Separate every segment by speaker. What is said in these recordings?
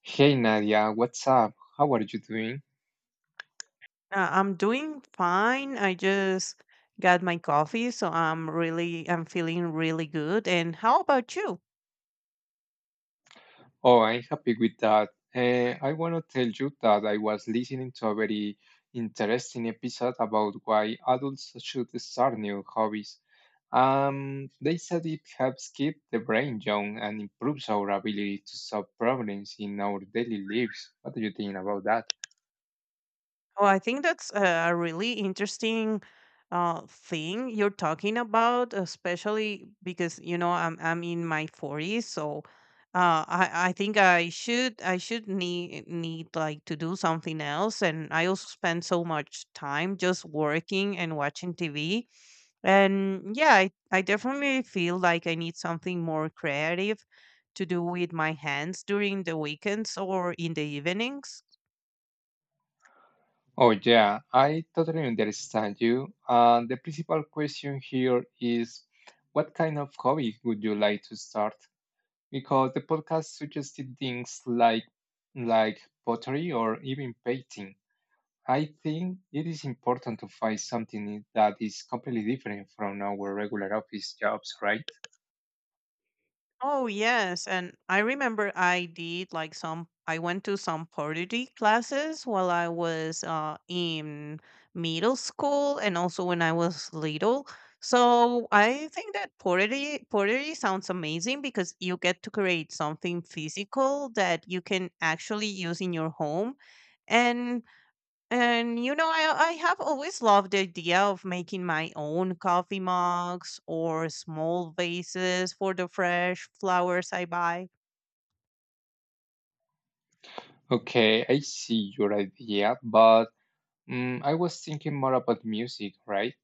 Speaker 1: Hey Nadia, what's up? How are you doing?
Speaker 2: I'm doing fine. I just got my coffee, so I'm feeling really good. And how about you?
Speaker 1: Oh, I'm happy with that. I want to tell you that I was listening to a very interesting episode about why adults should start new hobbies. They said it helps keep the brain young and improves our ability to solve problems in our daily lives. What do you think about that?
Speaker 2: Oh, I think that's a really interesting thing you're talking about, especially because you know I'm in my 40s, so I think I should need like to do something else. And I also spend so much time just working and watching TV. And yeah, I definitely feel like I need something more creative to do with my hands during the weekends or in the evenings.
Speaker 1: Oh, yeah, I totally understand you. And the principal question here is, what kind of hobby would you like to start? Because the podcast suggested things like pottery or even painting. I think it is important to find something that is completely different from our regular office jobs, right?
Speaker 2: Oh yes, and I remember I did like some. I went to some pottery classes while I was in middle school, and also when I was little. So I think that pottery sounds amazing because you get to create something physical that you can actually use in your home, and I have always loved the idea of making my own coffee mugs or small vases for the fresh flowers I buy.
Speaker 1: Okay, I see your idea, but I was thinking more about music, right?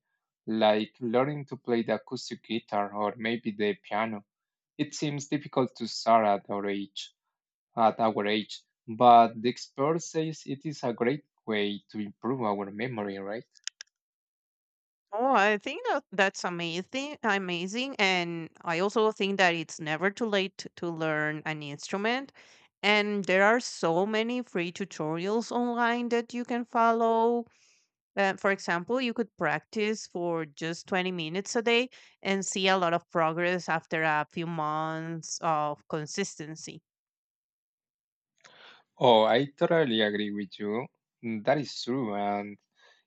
Speaker 1: Like learning to play the acoustic guitar or maybe the piano. It seems difficult to start at our age. at our age. But the expert says it is a great way to improve our memory, right?
Speaker 2: Oh, I think that that's amazing, and I also think that it's never too late to learn an instrument. And there are so many free tutorials online that you can follow. For example, you could practice for just 20 minutes a day and see a lot of progress after a few months of consistency.
Speaker 1: Oh, I totally agree with you. Mm, that is true. And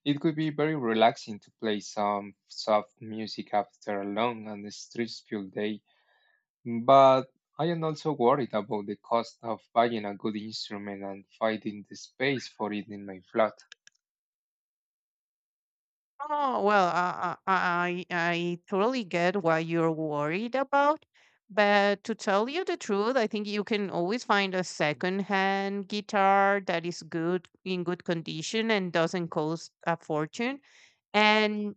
Speaker 1: it could be very relaxing to play some soft music after a long and stressful day. But I am also worried about the cost of buying a good instrument and finding the space for it in my flat.
Speaker 2: Oh, well, I totally get what you're worried about. But to tell you the truth, I think you can always find a secondhand guitar that is good in good condition and doesn't cost a fortune. And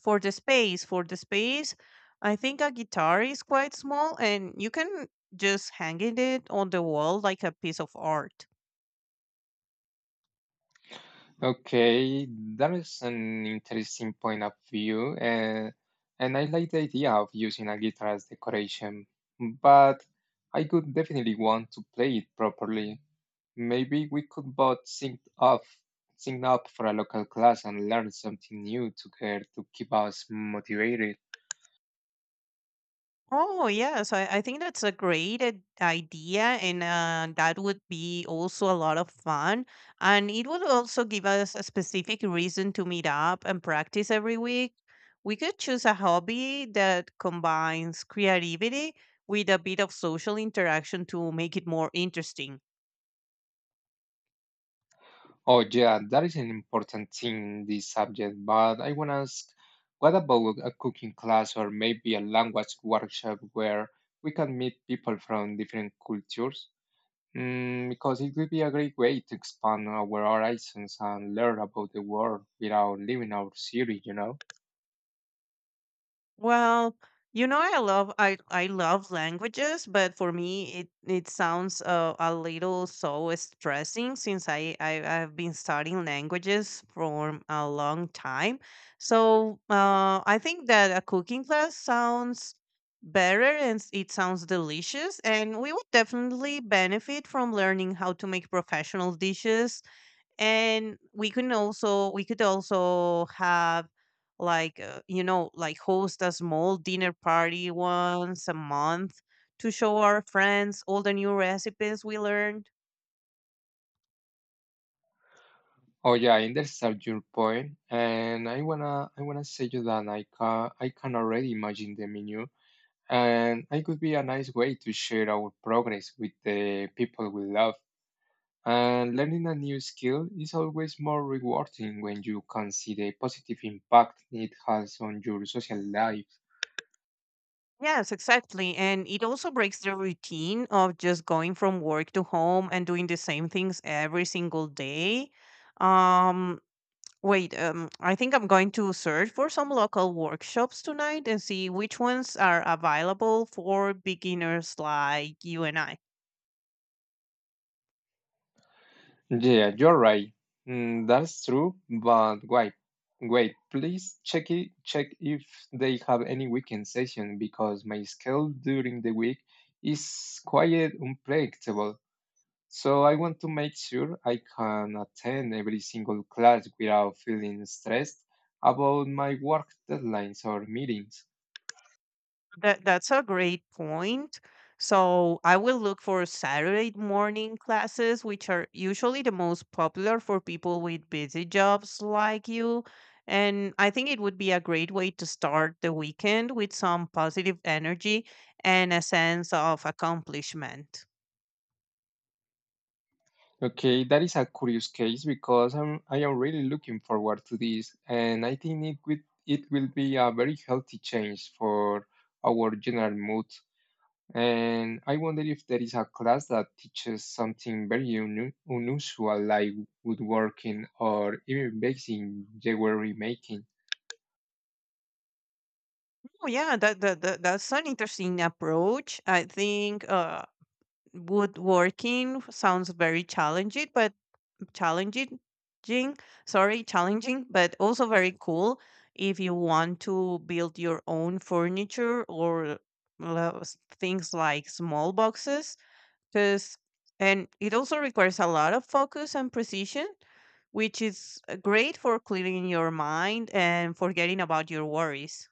Speaker 2: for the space I think a guitar is quite small, and you can just hanging it on the wall like a piece of art.
Speaker 1: Okay, that is an interesting point of view, and I like the idea of using a guitar as decoration, but I could definitely want to play it properly. Maybe we could both sync up for a local class and learn something new together to keep us motivated.
Speaker 2: Oh yes, I think that's a great idea, and that would be also a lot of fun, and it would also give us a specific reason to meet up and practice every week. We could choose a hobby that combines creativity with a bit of social interaction to make it more interesting.
Speaker 1: Oh, yeah, that is an important thing in this subject, but I want to ask, what about a cooking class or maybe a language workshop where we can meet people from different cultures? Mm, because it would be a great way to expand our horizons and learn about the world without leaving our city, you know?
Speaker 2: Well, you know, I love languages, but for me, it sounds a little so stressing since I've been studying languages for a long time. So I think that a cooking class sounds better and it sounds delicious, and we would definitely benefit from learning how to make professional dishes. And we could also have like host a small dinner party once a month to show our friends all the new recipes we learned.
Speaker 1: Oh, yeah, I understand your point, and I wanna say you that I can already imagine the menu, and it could be a nice way to share our progress with the people we love. And learning a new skill is always more rewarding when you can see the positive impact it has on your social life.
Speaker 2: Yes, exactly, and it also breaks the routine of just going from work to home and doing the same things every single day. um Wait, I think I'm going to search for some local workshops tonight and see which ones are available for beginners like you and I.
Speaker 1: Yeah, you're right. Mm, that's true, but wait, please check if they have any weekend session because my schedule during the week is quite unpredictable. So I want to make sure I can attend every single class without feeling stressed about my work deadlines or meetings.
Speaker 2: That's a great point. So I will look for Saturday morning classes, which are usually the most popular for people with busy jobs like you. And I think it would be a great way to start the weekend with some positive energy and a sense of accomplishment.
Speaker 1: Okay, that is a curious case because I am really looking forward to this, and I think it will be a very healthy change for our general mood. And I wonder if there is a class that teaches something very unusual like woodworking or even basic jewelry making.
Speaker 2: Oh yeah, that's an interesting approach. I think woodworking sounds very challenging, but challenging, jing- challenging, but also very cool if you want to build your own furniture or things like small boxes. Because and It also requires a lot of focus and precision, which is great for clearing your mind and forgetting about your worries.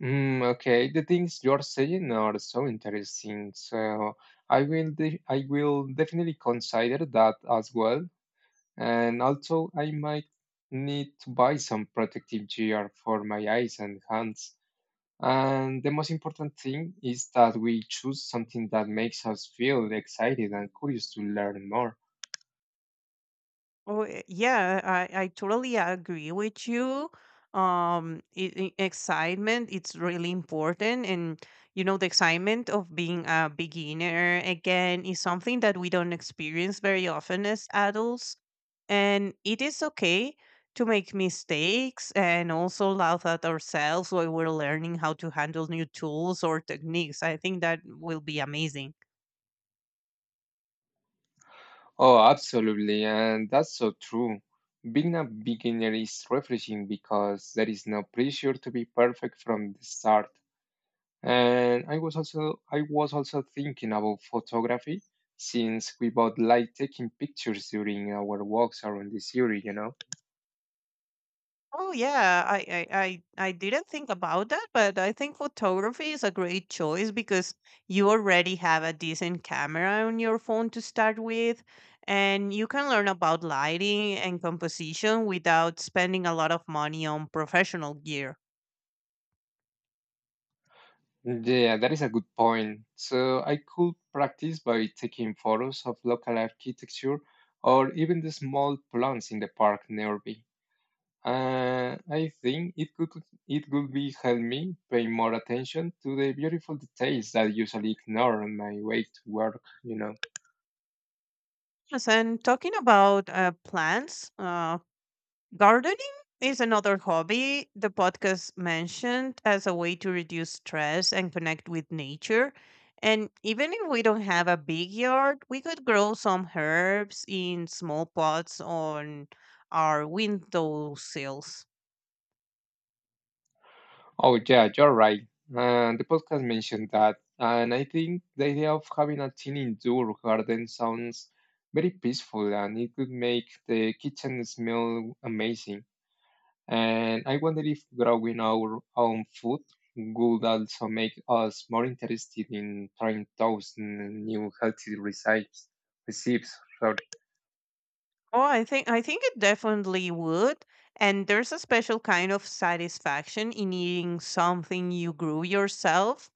Speaker 1: Mm, okay, the things you're saying are so interesting. So I will definitely consider that as well. And also, I might need to buy some protective gear for my eyes and hands. And the most important thing is that we choose something that makes us feel excited and curious to learn more.
Speaker 2: Oh, yeah, I totally agree with you. Excitement, it's really important. And, you know, the excitement of being a beginner again is something that we don't experience very often as adults. And it is okay to make mistakes and also laugh at ourselves while we're learning how to handle new tools or techniques. I think that will be amazing.
Speaker 1: Oh, absolutely, and that's so true. Being a beginner is refreshing because there is no pressure to be perfect from the start. And I was also thinking about photography since we both like taking pictures during our walks around the city, you know.
Speaker 2: Oh yeah, I I didn't think about that, but I think photography is a great choice because you already have a decent camera on your phone to start with, and you can learn about lighting and composition without spending a lot of money on professional gear.
Speaker 1: Yeah, that is a good point. So I could practice by taking photos of local architecture or even the small plants in the park nearby. I think it could be help me pay more attention to the beautiful details that I usually ignore on my way to work, you know.
Speaker 2: Yes, and talking about plants, gardening is another hobby the podcast mentioned as a way to reduce stress and connect with nature. And even if we don't have a big yard, we could grow some herbs in small pots on our windowsills.
Speaker 1: Oh, yeah, you're right. And the podcast mentioned that. And I think the idea of having a teen indoor garden sounds very peaceful and it could make the kitchen smell amazing. And I wonder if growing our own food would also make us more interested in trying those new healthy recipes.
Speaker 2: Oh, I think it definitely would. And there's a special kind of satisfaction in eating something you grew yourself.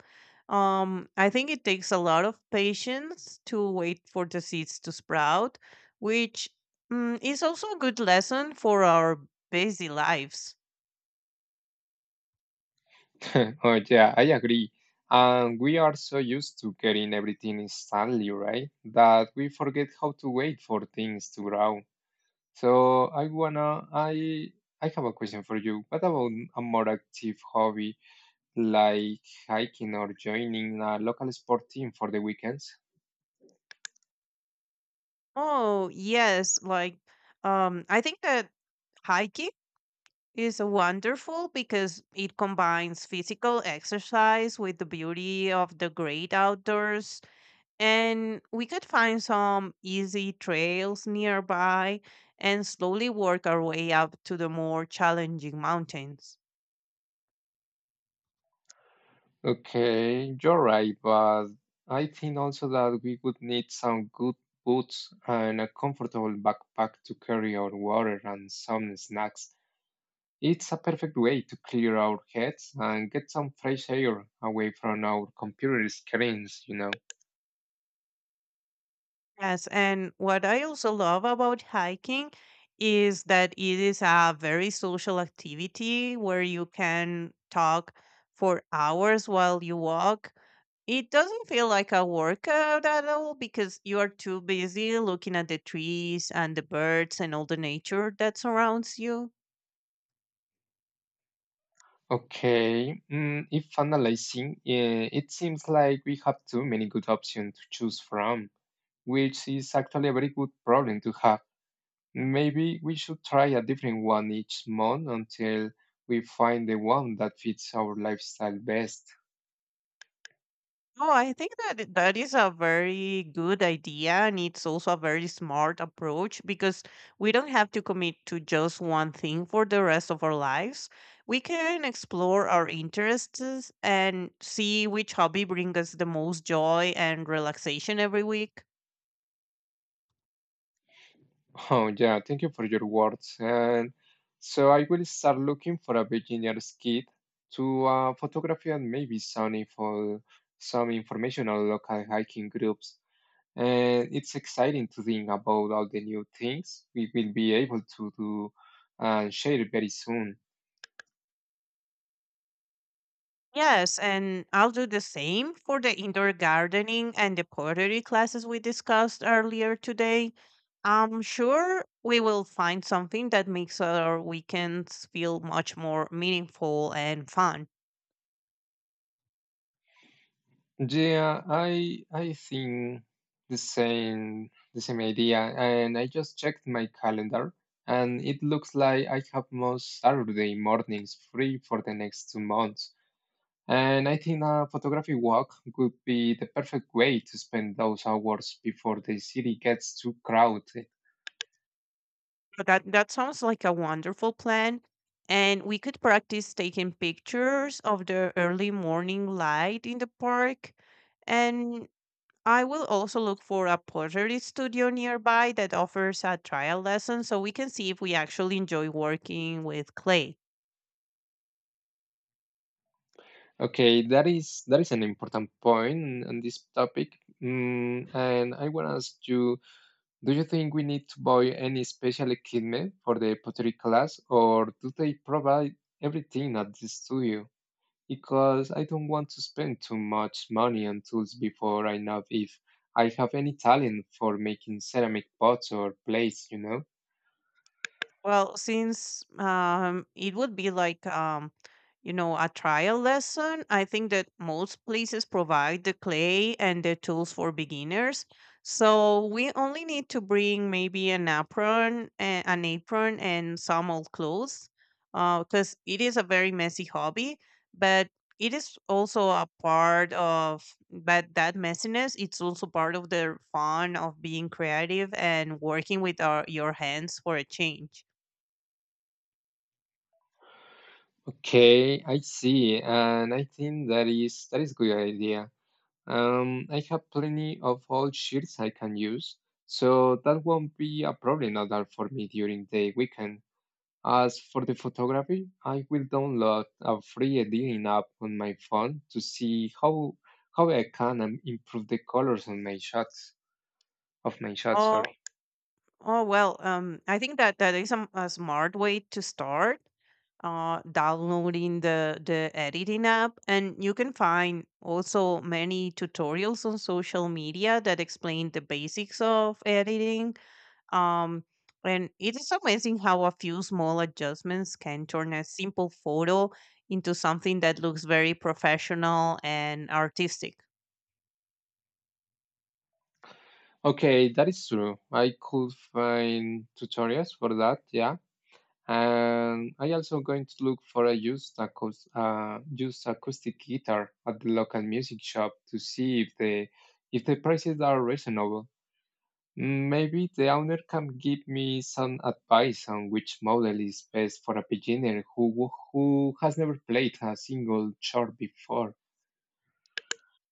Speaker 2: I think it takes a lot of patience to wait for the seeds to sprout, which is also a good lesson for our busy lives.
Speaker 1: Oh, yeah, I agree. And we are so used to getting everything instantly, right? That we forget how to wait for things to grow. So I have a question for you. What about a more active hobby like hiking or joining a local sport team for the weekends?
Speaker 2: Oh, yes, like I think that hiking is wonderful because it combines physical exercise with the beauty of the great outdoors. And we could find some easy trails nearby and slowly work our way up to the more challenging mountains.
Speaker 1: Okay, you're right, but I think also that we would need some good boots and a comfortable backpack to carry our water and some snacks. It's a perfect way to clear our heads and get some fresh air away from our computer screens, you know.
Speaker 2: Yes, and what I also love about hiking is that it is a very social activity where you can talk for hours while you walk. It doesn't feel like a workout at all because you are too busy looking at the trees and the birds and all the nature that surrounds you.
Speaker 1: Okay, mm, if analyzing, it seems like we have too many good options to choose from, which is actually a very good problem to have. Maybe we should try a different one each month until we find the one that fits our lifestyle best.
Speaker 2: Oh, I think that that is a very good idea, and it's also a very smart approach because we don't have to commit to just one thing for the rest of our lives. We can explore our interests and see which hobby brings us the most joy and relaxation every week.
Speaker 1: Oh, yeah, thank you for your words. And so I will start looking for a beginner's kit to photography and maybe some informational local hiking groups. And it's exciting to think about all the new things we will be able to do and share very soon.
Speaker 2: Yes, and I'll do the same for the indoor gardening and the pottery classes we discussed earlier today. I'm sure we will find something that makes our weekends feel much more meaningful and fun.
Speaker 1: Yeah, I think the same idea, and I just checked my calendar, and it looks like I have most Saturday mornings free for the next two months. And I think a photography walk would be the perfect way to spend those hours before the city gets too crowded.
Speaker 2: But that sounds like a wonderful plan. And we could practice taking pictures of the early morning light in the park. And I will also look for a pottery studio nearby that offers a trial lesson so we can see if we actually enjoy working with clay.
Speaker 1: Okay, that is an important point on this topic. Mm, and I want to ask you. Do you think we need to buy any special equipment for the pottery class, or do they provide everything at the studio? Because I don't want to spend too much money on tools before I know if I have any talent for making ceramic pots or plates, you know?
Speaker 2: Well, since it would be like you know, a trial lesson, I think that most places provide the clay and the tools for beginners. So we only need to bring maybe an apron, and some old clothes, because it is a very messy hobby. But it is also a part of, but that messiness, it's also part of the fun of being creative and working with our your hands for a change.
Speaker 1: Okay, I see, and I think that is good idea. I have plenty of old sheets I can use, so that won't be a problem at all for me during the weekend. As for the photography, I will download a free editing app on my phone to see how I can improve the colors on my shots of my shots. Sorry.
Speaker 2: Oh, I think that that is a smart way to start. Downloading the editing app, and you can find also many tutorials on social media that explain the basics of editing. Um, and it is amazing how a few small adjustments can turn a simple photo into something that looks very professional and artistic.
Speaker 1: Okay, that is true. I could find tutorials for that. Yeah, and I also going to look for a used acoustic guitar at the local music shop to see if the prices are reasonable. Mm, maybe the owner can give me some advice on which model is best for a beginner who has never played a single chart before.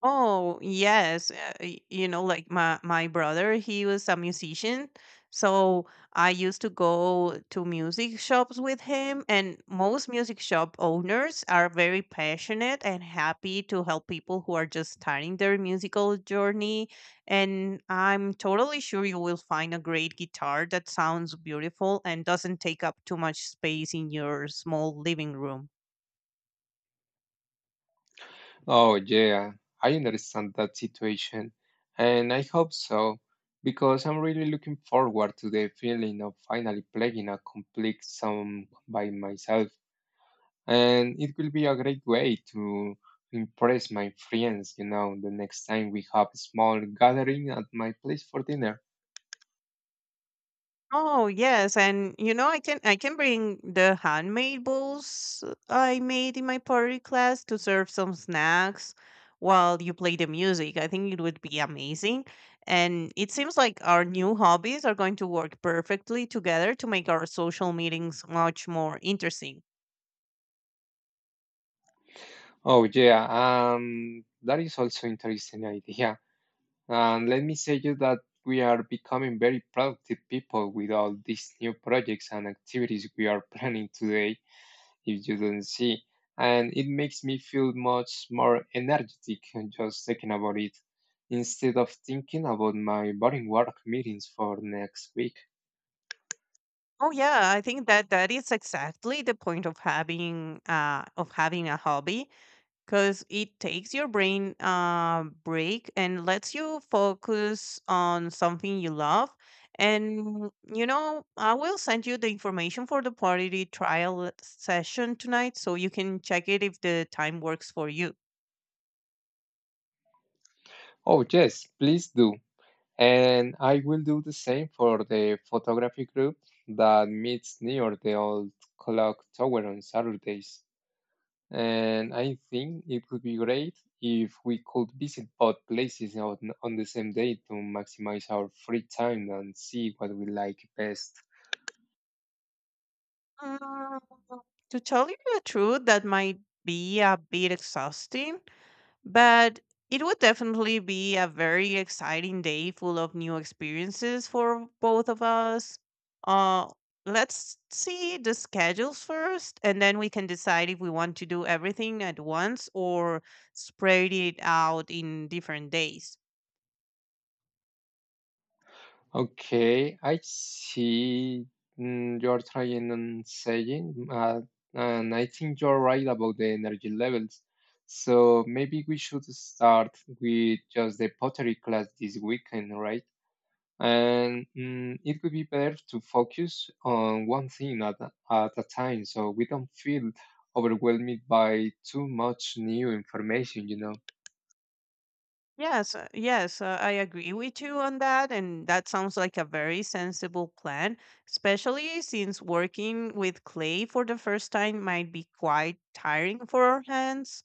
Speaker 2: Oh, yes. You know, like my brother, he was a musician, so I used to go to music shops with him, and most music shop owners are very passionate and happy to help people who are just starting their musical journey. And I'm totally sure you will find a great guitar that sounds beautiful and doesn't take up too much space in your small living room.
Speaker 1: Oh yeah, I understand that situation, and I hope so, because I'm really looking forward to the feeling of finally playing a complete song by myself, and it will be a great way to impress my friends, you know, the next time we have a small gathering at my place for dinner.
Speaker 2: Oh yes, and you know I can bring the handmade bowls I made in my pottery class to serve some snacks while you play the music. I think it would be amazing. And it seems like our new hobbies are going to work perfectly together to make our social meetings much more interesting.
Speaker 1: Oh yeah, that is also interesting idea. And let me say you that we are becoming very productive people with all these new projects and activities we are planning today, if you don't see. And it makes me feel much more energetic and just thinking about it, instead of thinking about my boring work meetings for next week.
Speaker 2: Oh yeah, I think that that is exactly the point of having a hobby because it takes your brain a break and lets you focus on something you love. And you know, I will send you the information for the party trial session tonight so you can check it if the time works for you.
Speaker 1: Oh yes, please do. And I will do the same for the photography group that meets near the old clock tower on Saturdays. And I think it would be great if we could visit both places on the same day to maximize our free time and see what we like best.
Speaker 2: Mm, To tell you the truth, that might be a bit exhausting. But it would definitely be a very exciting day full of new experiences for both of us. Uh, let's see the schedules first, and then we can decide if we want to do everything at once or spread it out in different days.
Speaker 1: Okay, I see, mm, you're trying and saying, and I think you're right about the energy levels. So maybe we should start with just the pottery class this weekend, right? And mm, it would be better to focus on one thing at a time so we don't feel overwhelmed by too much new information, you know.
Speaker 2: Yes, I agree with you on that. And that sounds like a very sensible plan, especially since working with clay for the first time might be quite tiring for our hands.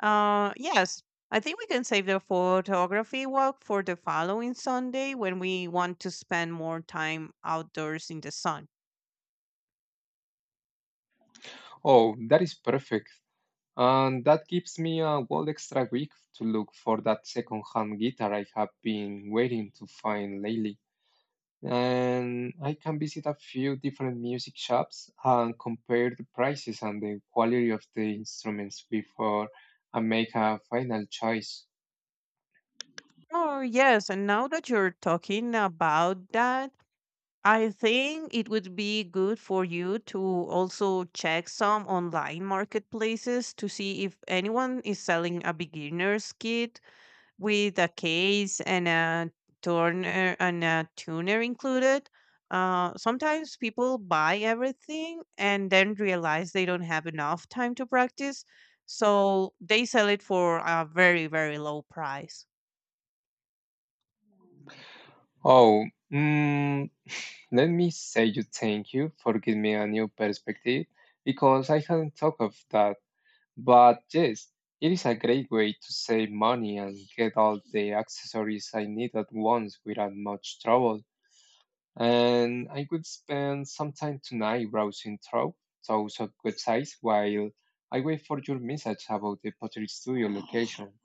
Speaker 2: Yes, I think we can save the photography walk for the following Sunday when we want to spend more time outdoors in the sun.
Speaker 1: Oh, that is perfect. And that gives me a whole extra week to look for that second-hand guitar I have been waiting to find lately. And I can visit a few different music shops and compare the prices and the quality of the instruments before I make a final choice.
Speaker 2: Oh, yes. And now that you're talking about that, I think it would be good for you to also check some online marketplaces to see if anyone is selling a beginner's kit with a case and a turner and a tuner included. Sometimes people buy everything and then realize they don't have enough time to practice, so they sell it for a very, very low price.
Speaker 1: Oh, mm, let me say you thank you for giving me a new perspective because I hadn't thought of that. But yes, it is a great way to save money and get all the accessories I need at once without much trouble. And I could spend some time tonight browsing through those websites while I wait for your message about the pottery studio location.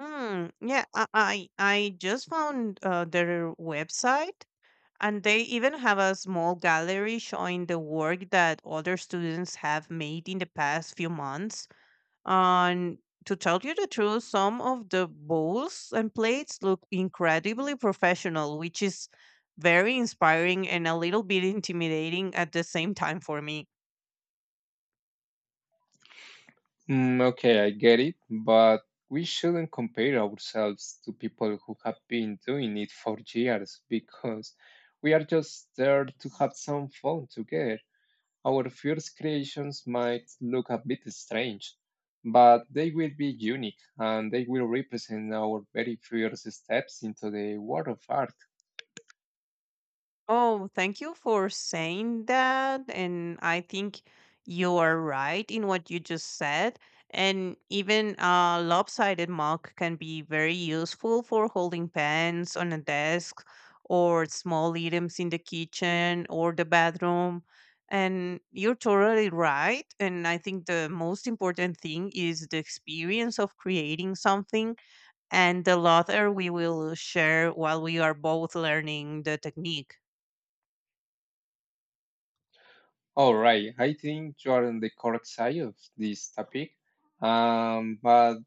Speaker 2: Hmm. Yeah, I just found their website. And they even have a small gallery showing the work that other students have made in the past few months. And to tell you the truth, some of the bowls and plates look incredibly professional, which is very inspiring and a little bit intimidating at the same time for me.
Speaker 1: Mm, okay, I get it, but we shouldn't compare ourselves to people who have been doing it for years because we are just there to have some fun together. Our first creations might look a bit strange, but they will be unique and they will represent our very first steps into the world of art.
Speaker 2: Oh, thank you for saying that. And I think you are right in what you just said. And even a lopsided mug can be very useful for holding pens on a desk or small items in the kitchen or the bathroom. And you're totally right. And I think the most important thing is the experience of creating something and the laughter we will share while we are both learning the technique.
Speaker 1: All right, I think you are on the correct side of this topic. But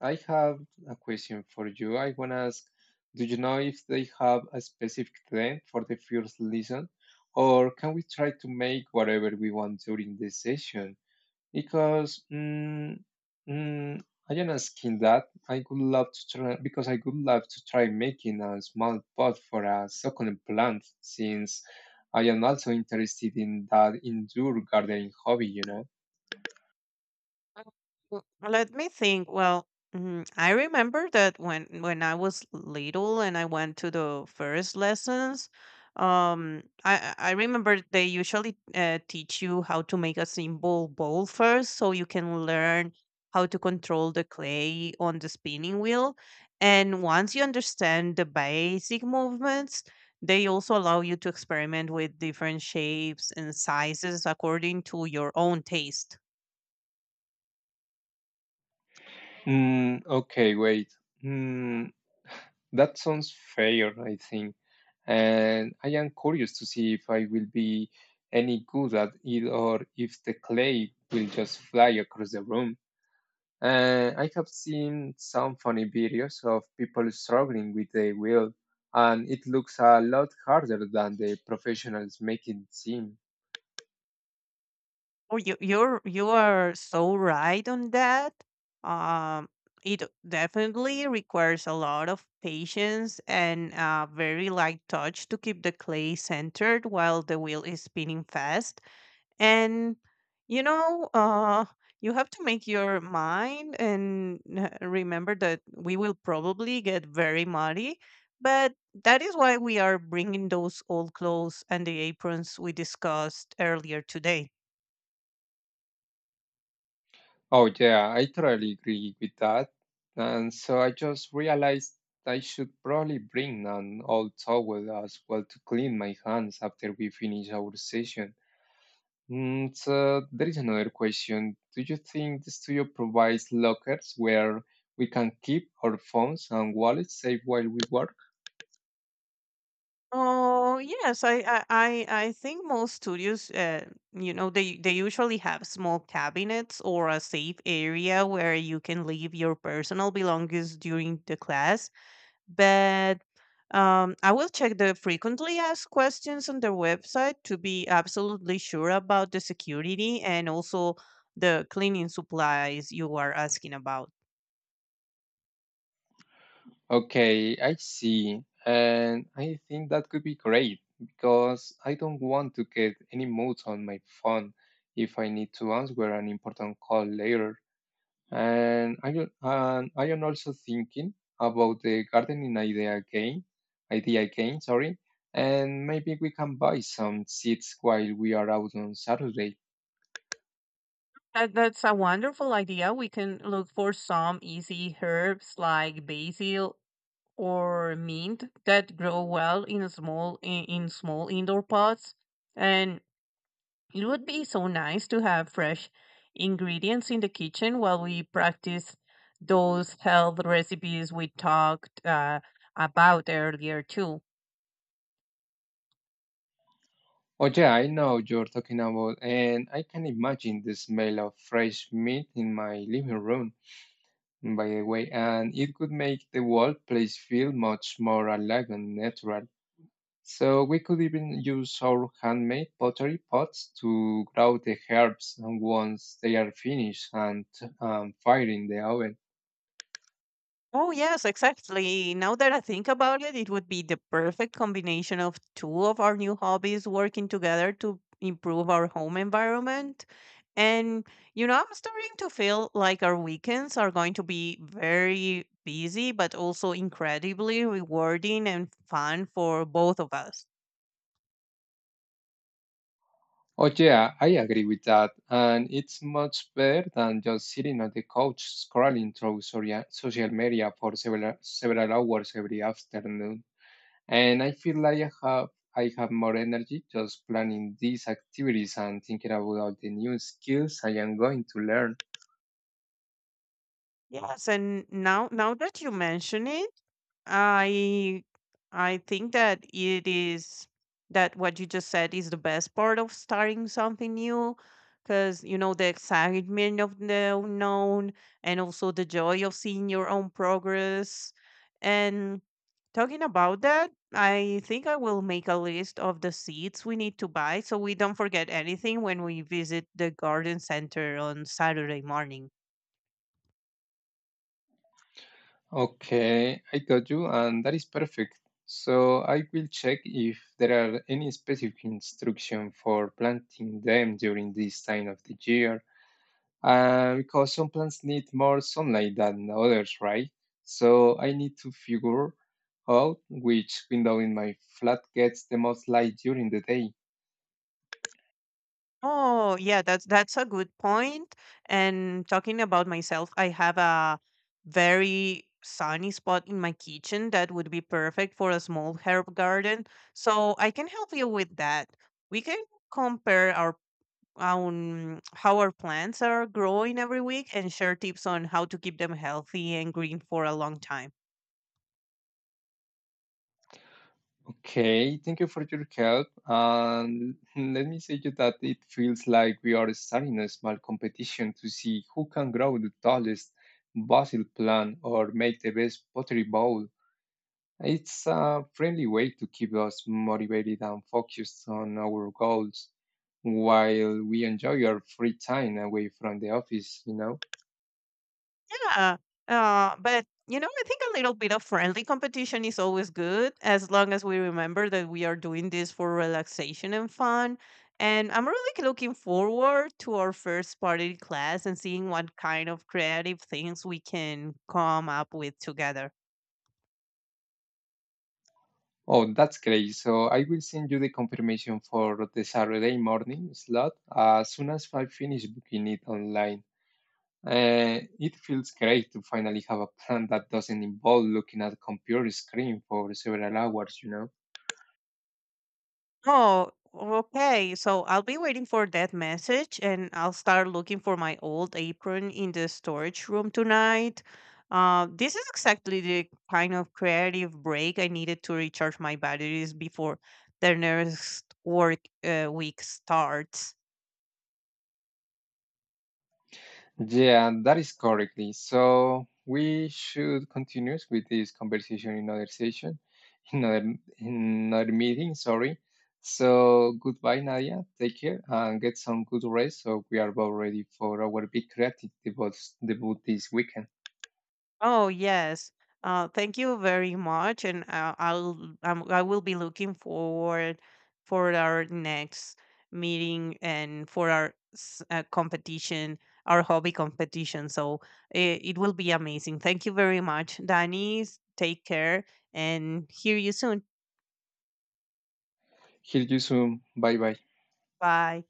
Speaker 1: I have a question for you. I want to ask, do you know if they have a specific trend for the first lesson, or can we try to make whatever we want during the session? Because mm, I am asking that I would love to try because I would love to try making a small pot for a succulent plant since I am also interested in that indoor gardening hobby.
Speaker 2: Uh, Let me think. Well, mm, I remember that when I was little and I went to the first lessons, I remember they usually teach you how to make a simple bowl first, so you can learn how to control the clay on the spinning wheel. And once you understand the basic movements, they also allow you to experiment with different shapes and sizes according to your own taste.
Speaker 1: Mm, okay, wait. Mm, that sounds fair, I think. And I am curious to see if I will be any good at it or if the clay will just fly across the room. And I have seen some funny videos of people struggling with their wheel, and it looks a lot harder than the professionals make it seem.
Speaker 2: Oh, you are so right on that. Um, it definitely requires a lot of patience and very light touch to keep the clay centered while the wheel is spinning fast. And you know, you have to make your mind and remember that we will probably get very muddy. But that is why we are bringing those old clothes and the aprons we discussed earlier today.
Speaker 1: Oh, yeah, I totally agree with that. And so I just realized I should probably bring an old towel as well to clean my hands after we finish our session. So there is another question. Do you think the studio provides lockers where we can keep our phones and wallets safe while we work?
Speaker 2: Oh yes, I think most studios, you know, they usually have small cabinets or a safe area where you can leave your personal belongings during the class. But I will check the frequently asked questions on their website to be absolutely sure about the security and also the cleaning supplies you are asking about.
Speaker 1: Okay, I see. And I think that could be great because I don't want to get any moods on my phone if I need to answer an important call later. And I am also thinking about the gardening idea again, sorry. And maybe we can buy some seeds while we are out on Saturday.
Speaker 2: That's a wonderful idea. We can look for some easy herbs like basil or mint that grow well in small indoor pots, and it would be so nice to have fresh ingredients in the kitchen while we practice those health recipes we talked about earlier too.
Speaker 1: Oh yeah, I know you're talking about, and I can imagine the smell of fresh meat in my living room, by the way, and it could make the whole place feel much more alive and natural. So we could even use our handmade pottery pots to grow the herbs, and once they are finished and fired in the oven.
Speaker 2: Oh, yes, exactly. Now that I think about it, it would be the perfect combination of two of our new hobbies working together to improve our home environment. And, you know, I'm starting to feel like our weekends are going to be very busy, but also incredibly rewarding and fun for both of us.
Speaker 1: Oh yeah, I agree with that, and it's much better than just sitting on the couch scrolling through social media for several hours every afternoon. And I feel like I have more energy just planning these activities and thinking about all the new skills I am going to learn.
Speaker 2: Yes, and now that you mention it, I I think that it is that what you just said is the best part of starting something new, because you know the excitement of the unknown and also the joy of seeing your own progress. And talking about that, I think I will make a list of the seeds we need to buy so we don't forget anything when we visit the garden center on Saturday morning.
Speaker 1: Okay, I got you, and that is perfect. So I will check if there are any specific instruction for planting them during this time of the year. Because some plants need more sunlight than others, right? So I need to figure out which window in my flat gets the most light during the day.
Speaker 2: Oh, yeah, that's a good point. And talking about myself, I have a very sunny spot in my kitchen that would be perfect for a small herb garden. So I can help you with that. We can compare our how our plants are growing every week and share tips on how to keep them healthy and green for a long time.
Speaker 1: Okay, thank you for your help. And let me say you that it feels like we are starting a small competition to see who can grow the tallest basil plant or make the best pottery bowl. It's a friendly way to keep us motivated and focused on our goals while we enjoy our free time away from the office, you know?
Speaker 2: Yeah. But you know, I think a little bit of friendly competition is always good, as long as we remember that we are doing this for relaxation and fun. And I'm really looking forward to our first party class and seeing what kind of creative things we can come up with together.
Speaker 1: Oh, that's great. So I will send you the confirmation for the Saturday morning slot as soon as I finish booking it online. It feels great to finally have a plan that doesn't involve looking at a computer screen for several hours.
Speaker 2: Oh, okay. So I'll be waiting for that message, and I'll start looking for my old apron in the storage room tonight. This is exactly the kind of creative break I needed to recharge my batteries before the next work week starts.
Speaker 1: Yeah, that is correctly. So we should continue with this conversation in other session, in other in another meeting, sorry. So goodbye, Nadia. Take care and get some good rest so we are both ready for our big creative debut this weekend.
Speaker 2: Oh yes. Thank you very much, and I will be looking forward for our next meeting and for our competition, our hobby competition. So it will be amazing. Thank you very much, Danny. Take care, and hear you soon.
Speaker 1: Hear you soon. Bye bye.
Speaker 2: Bye.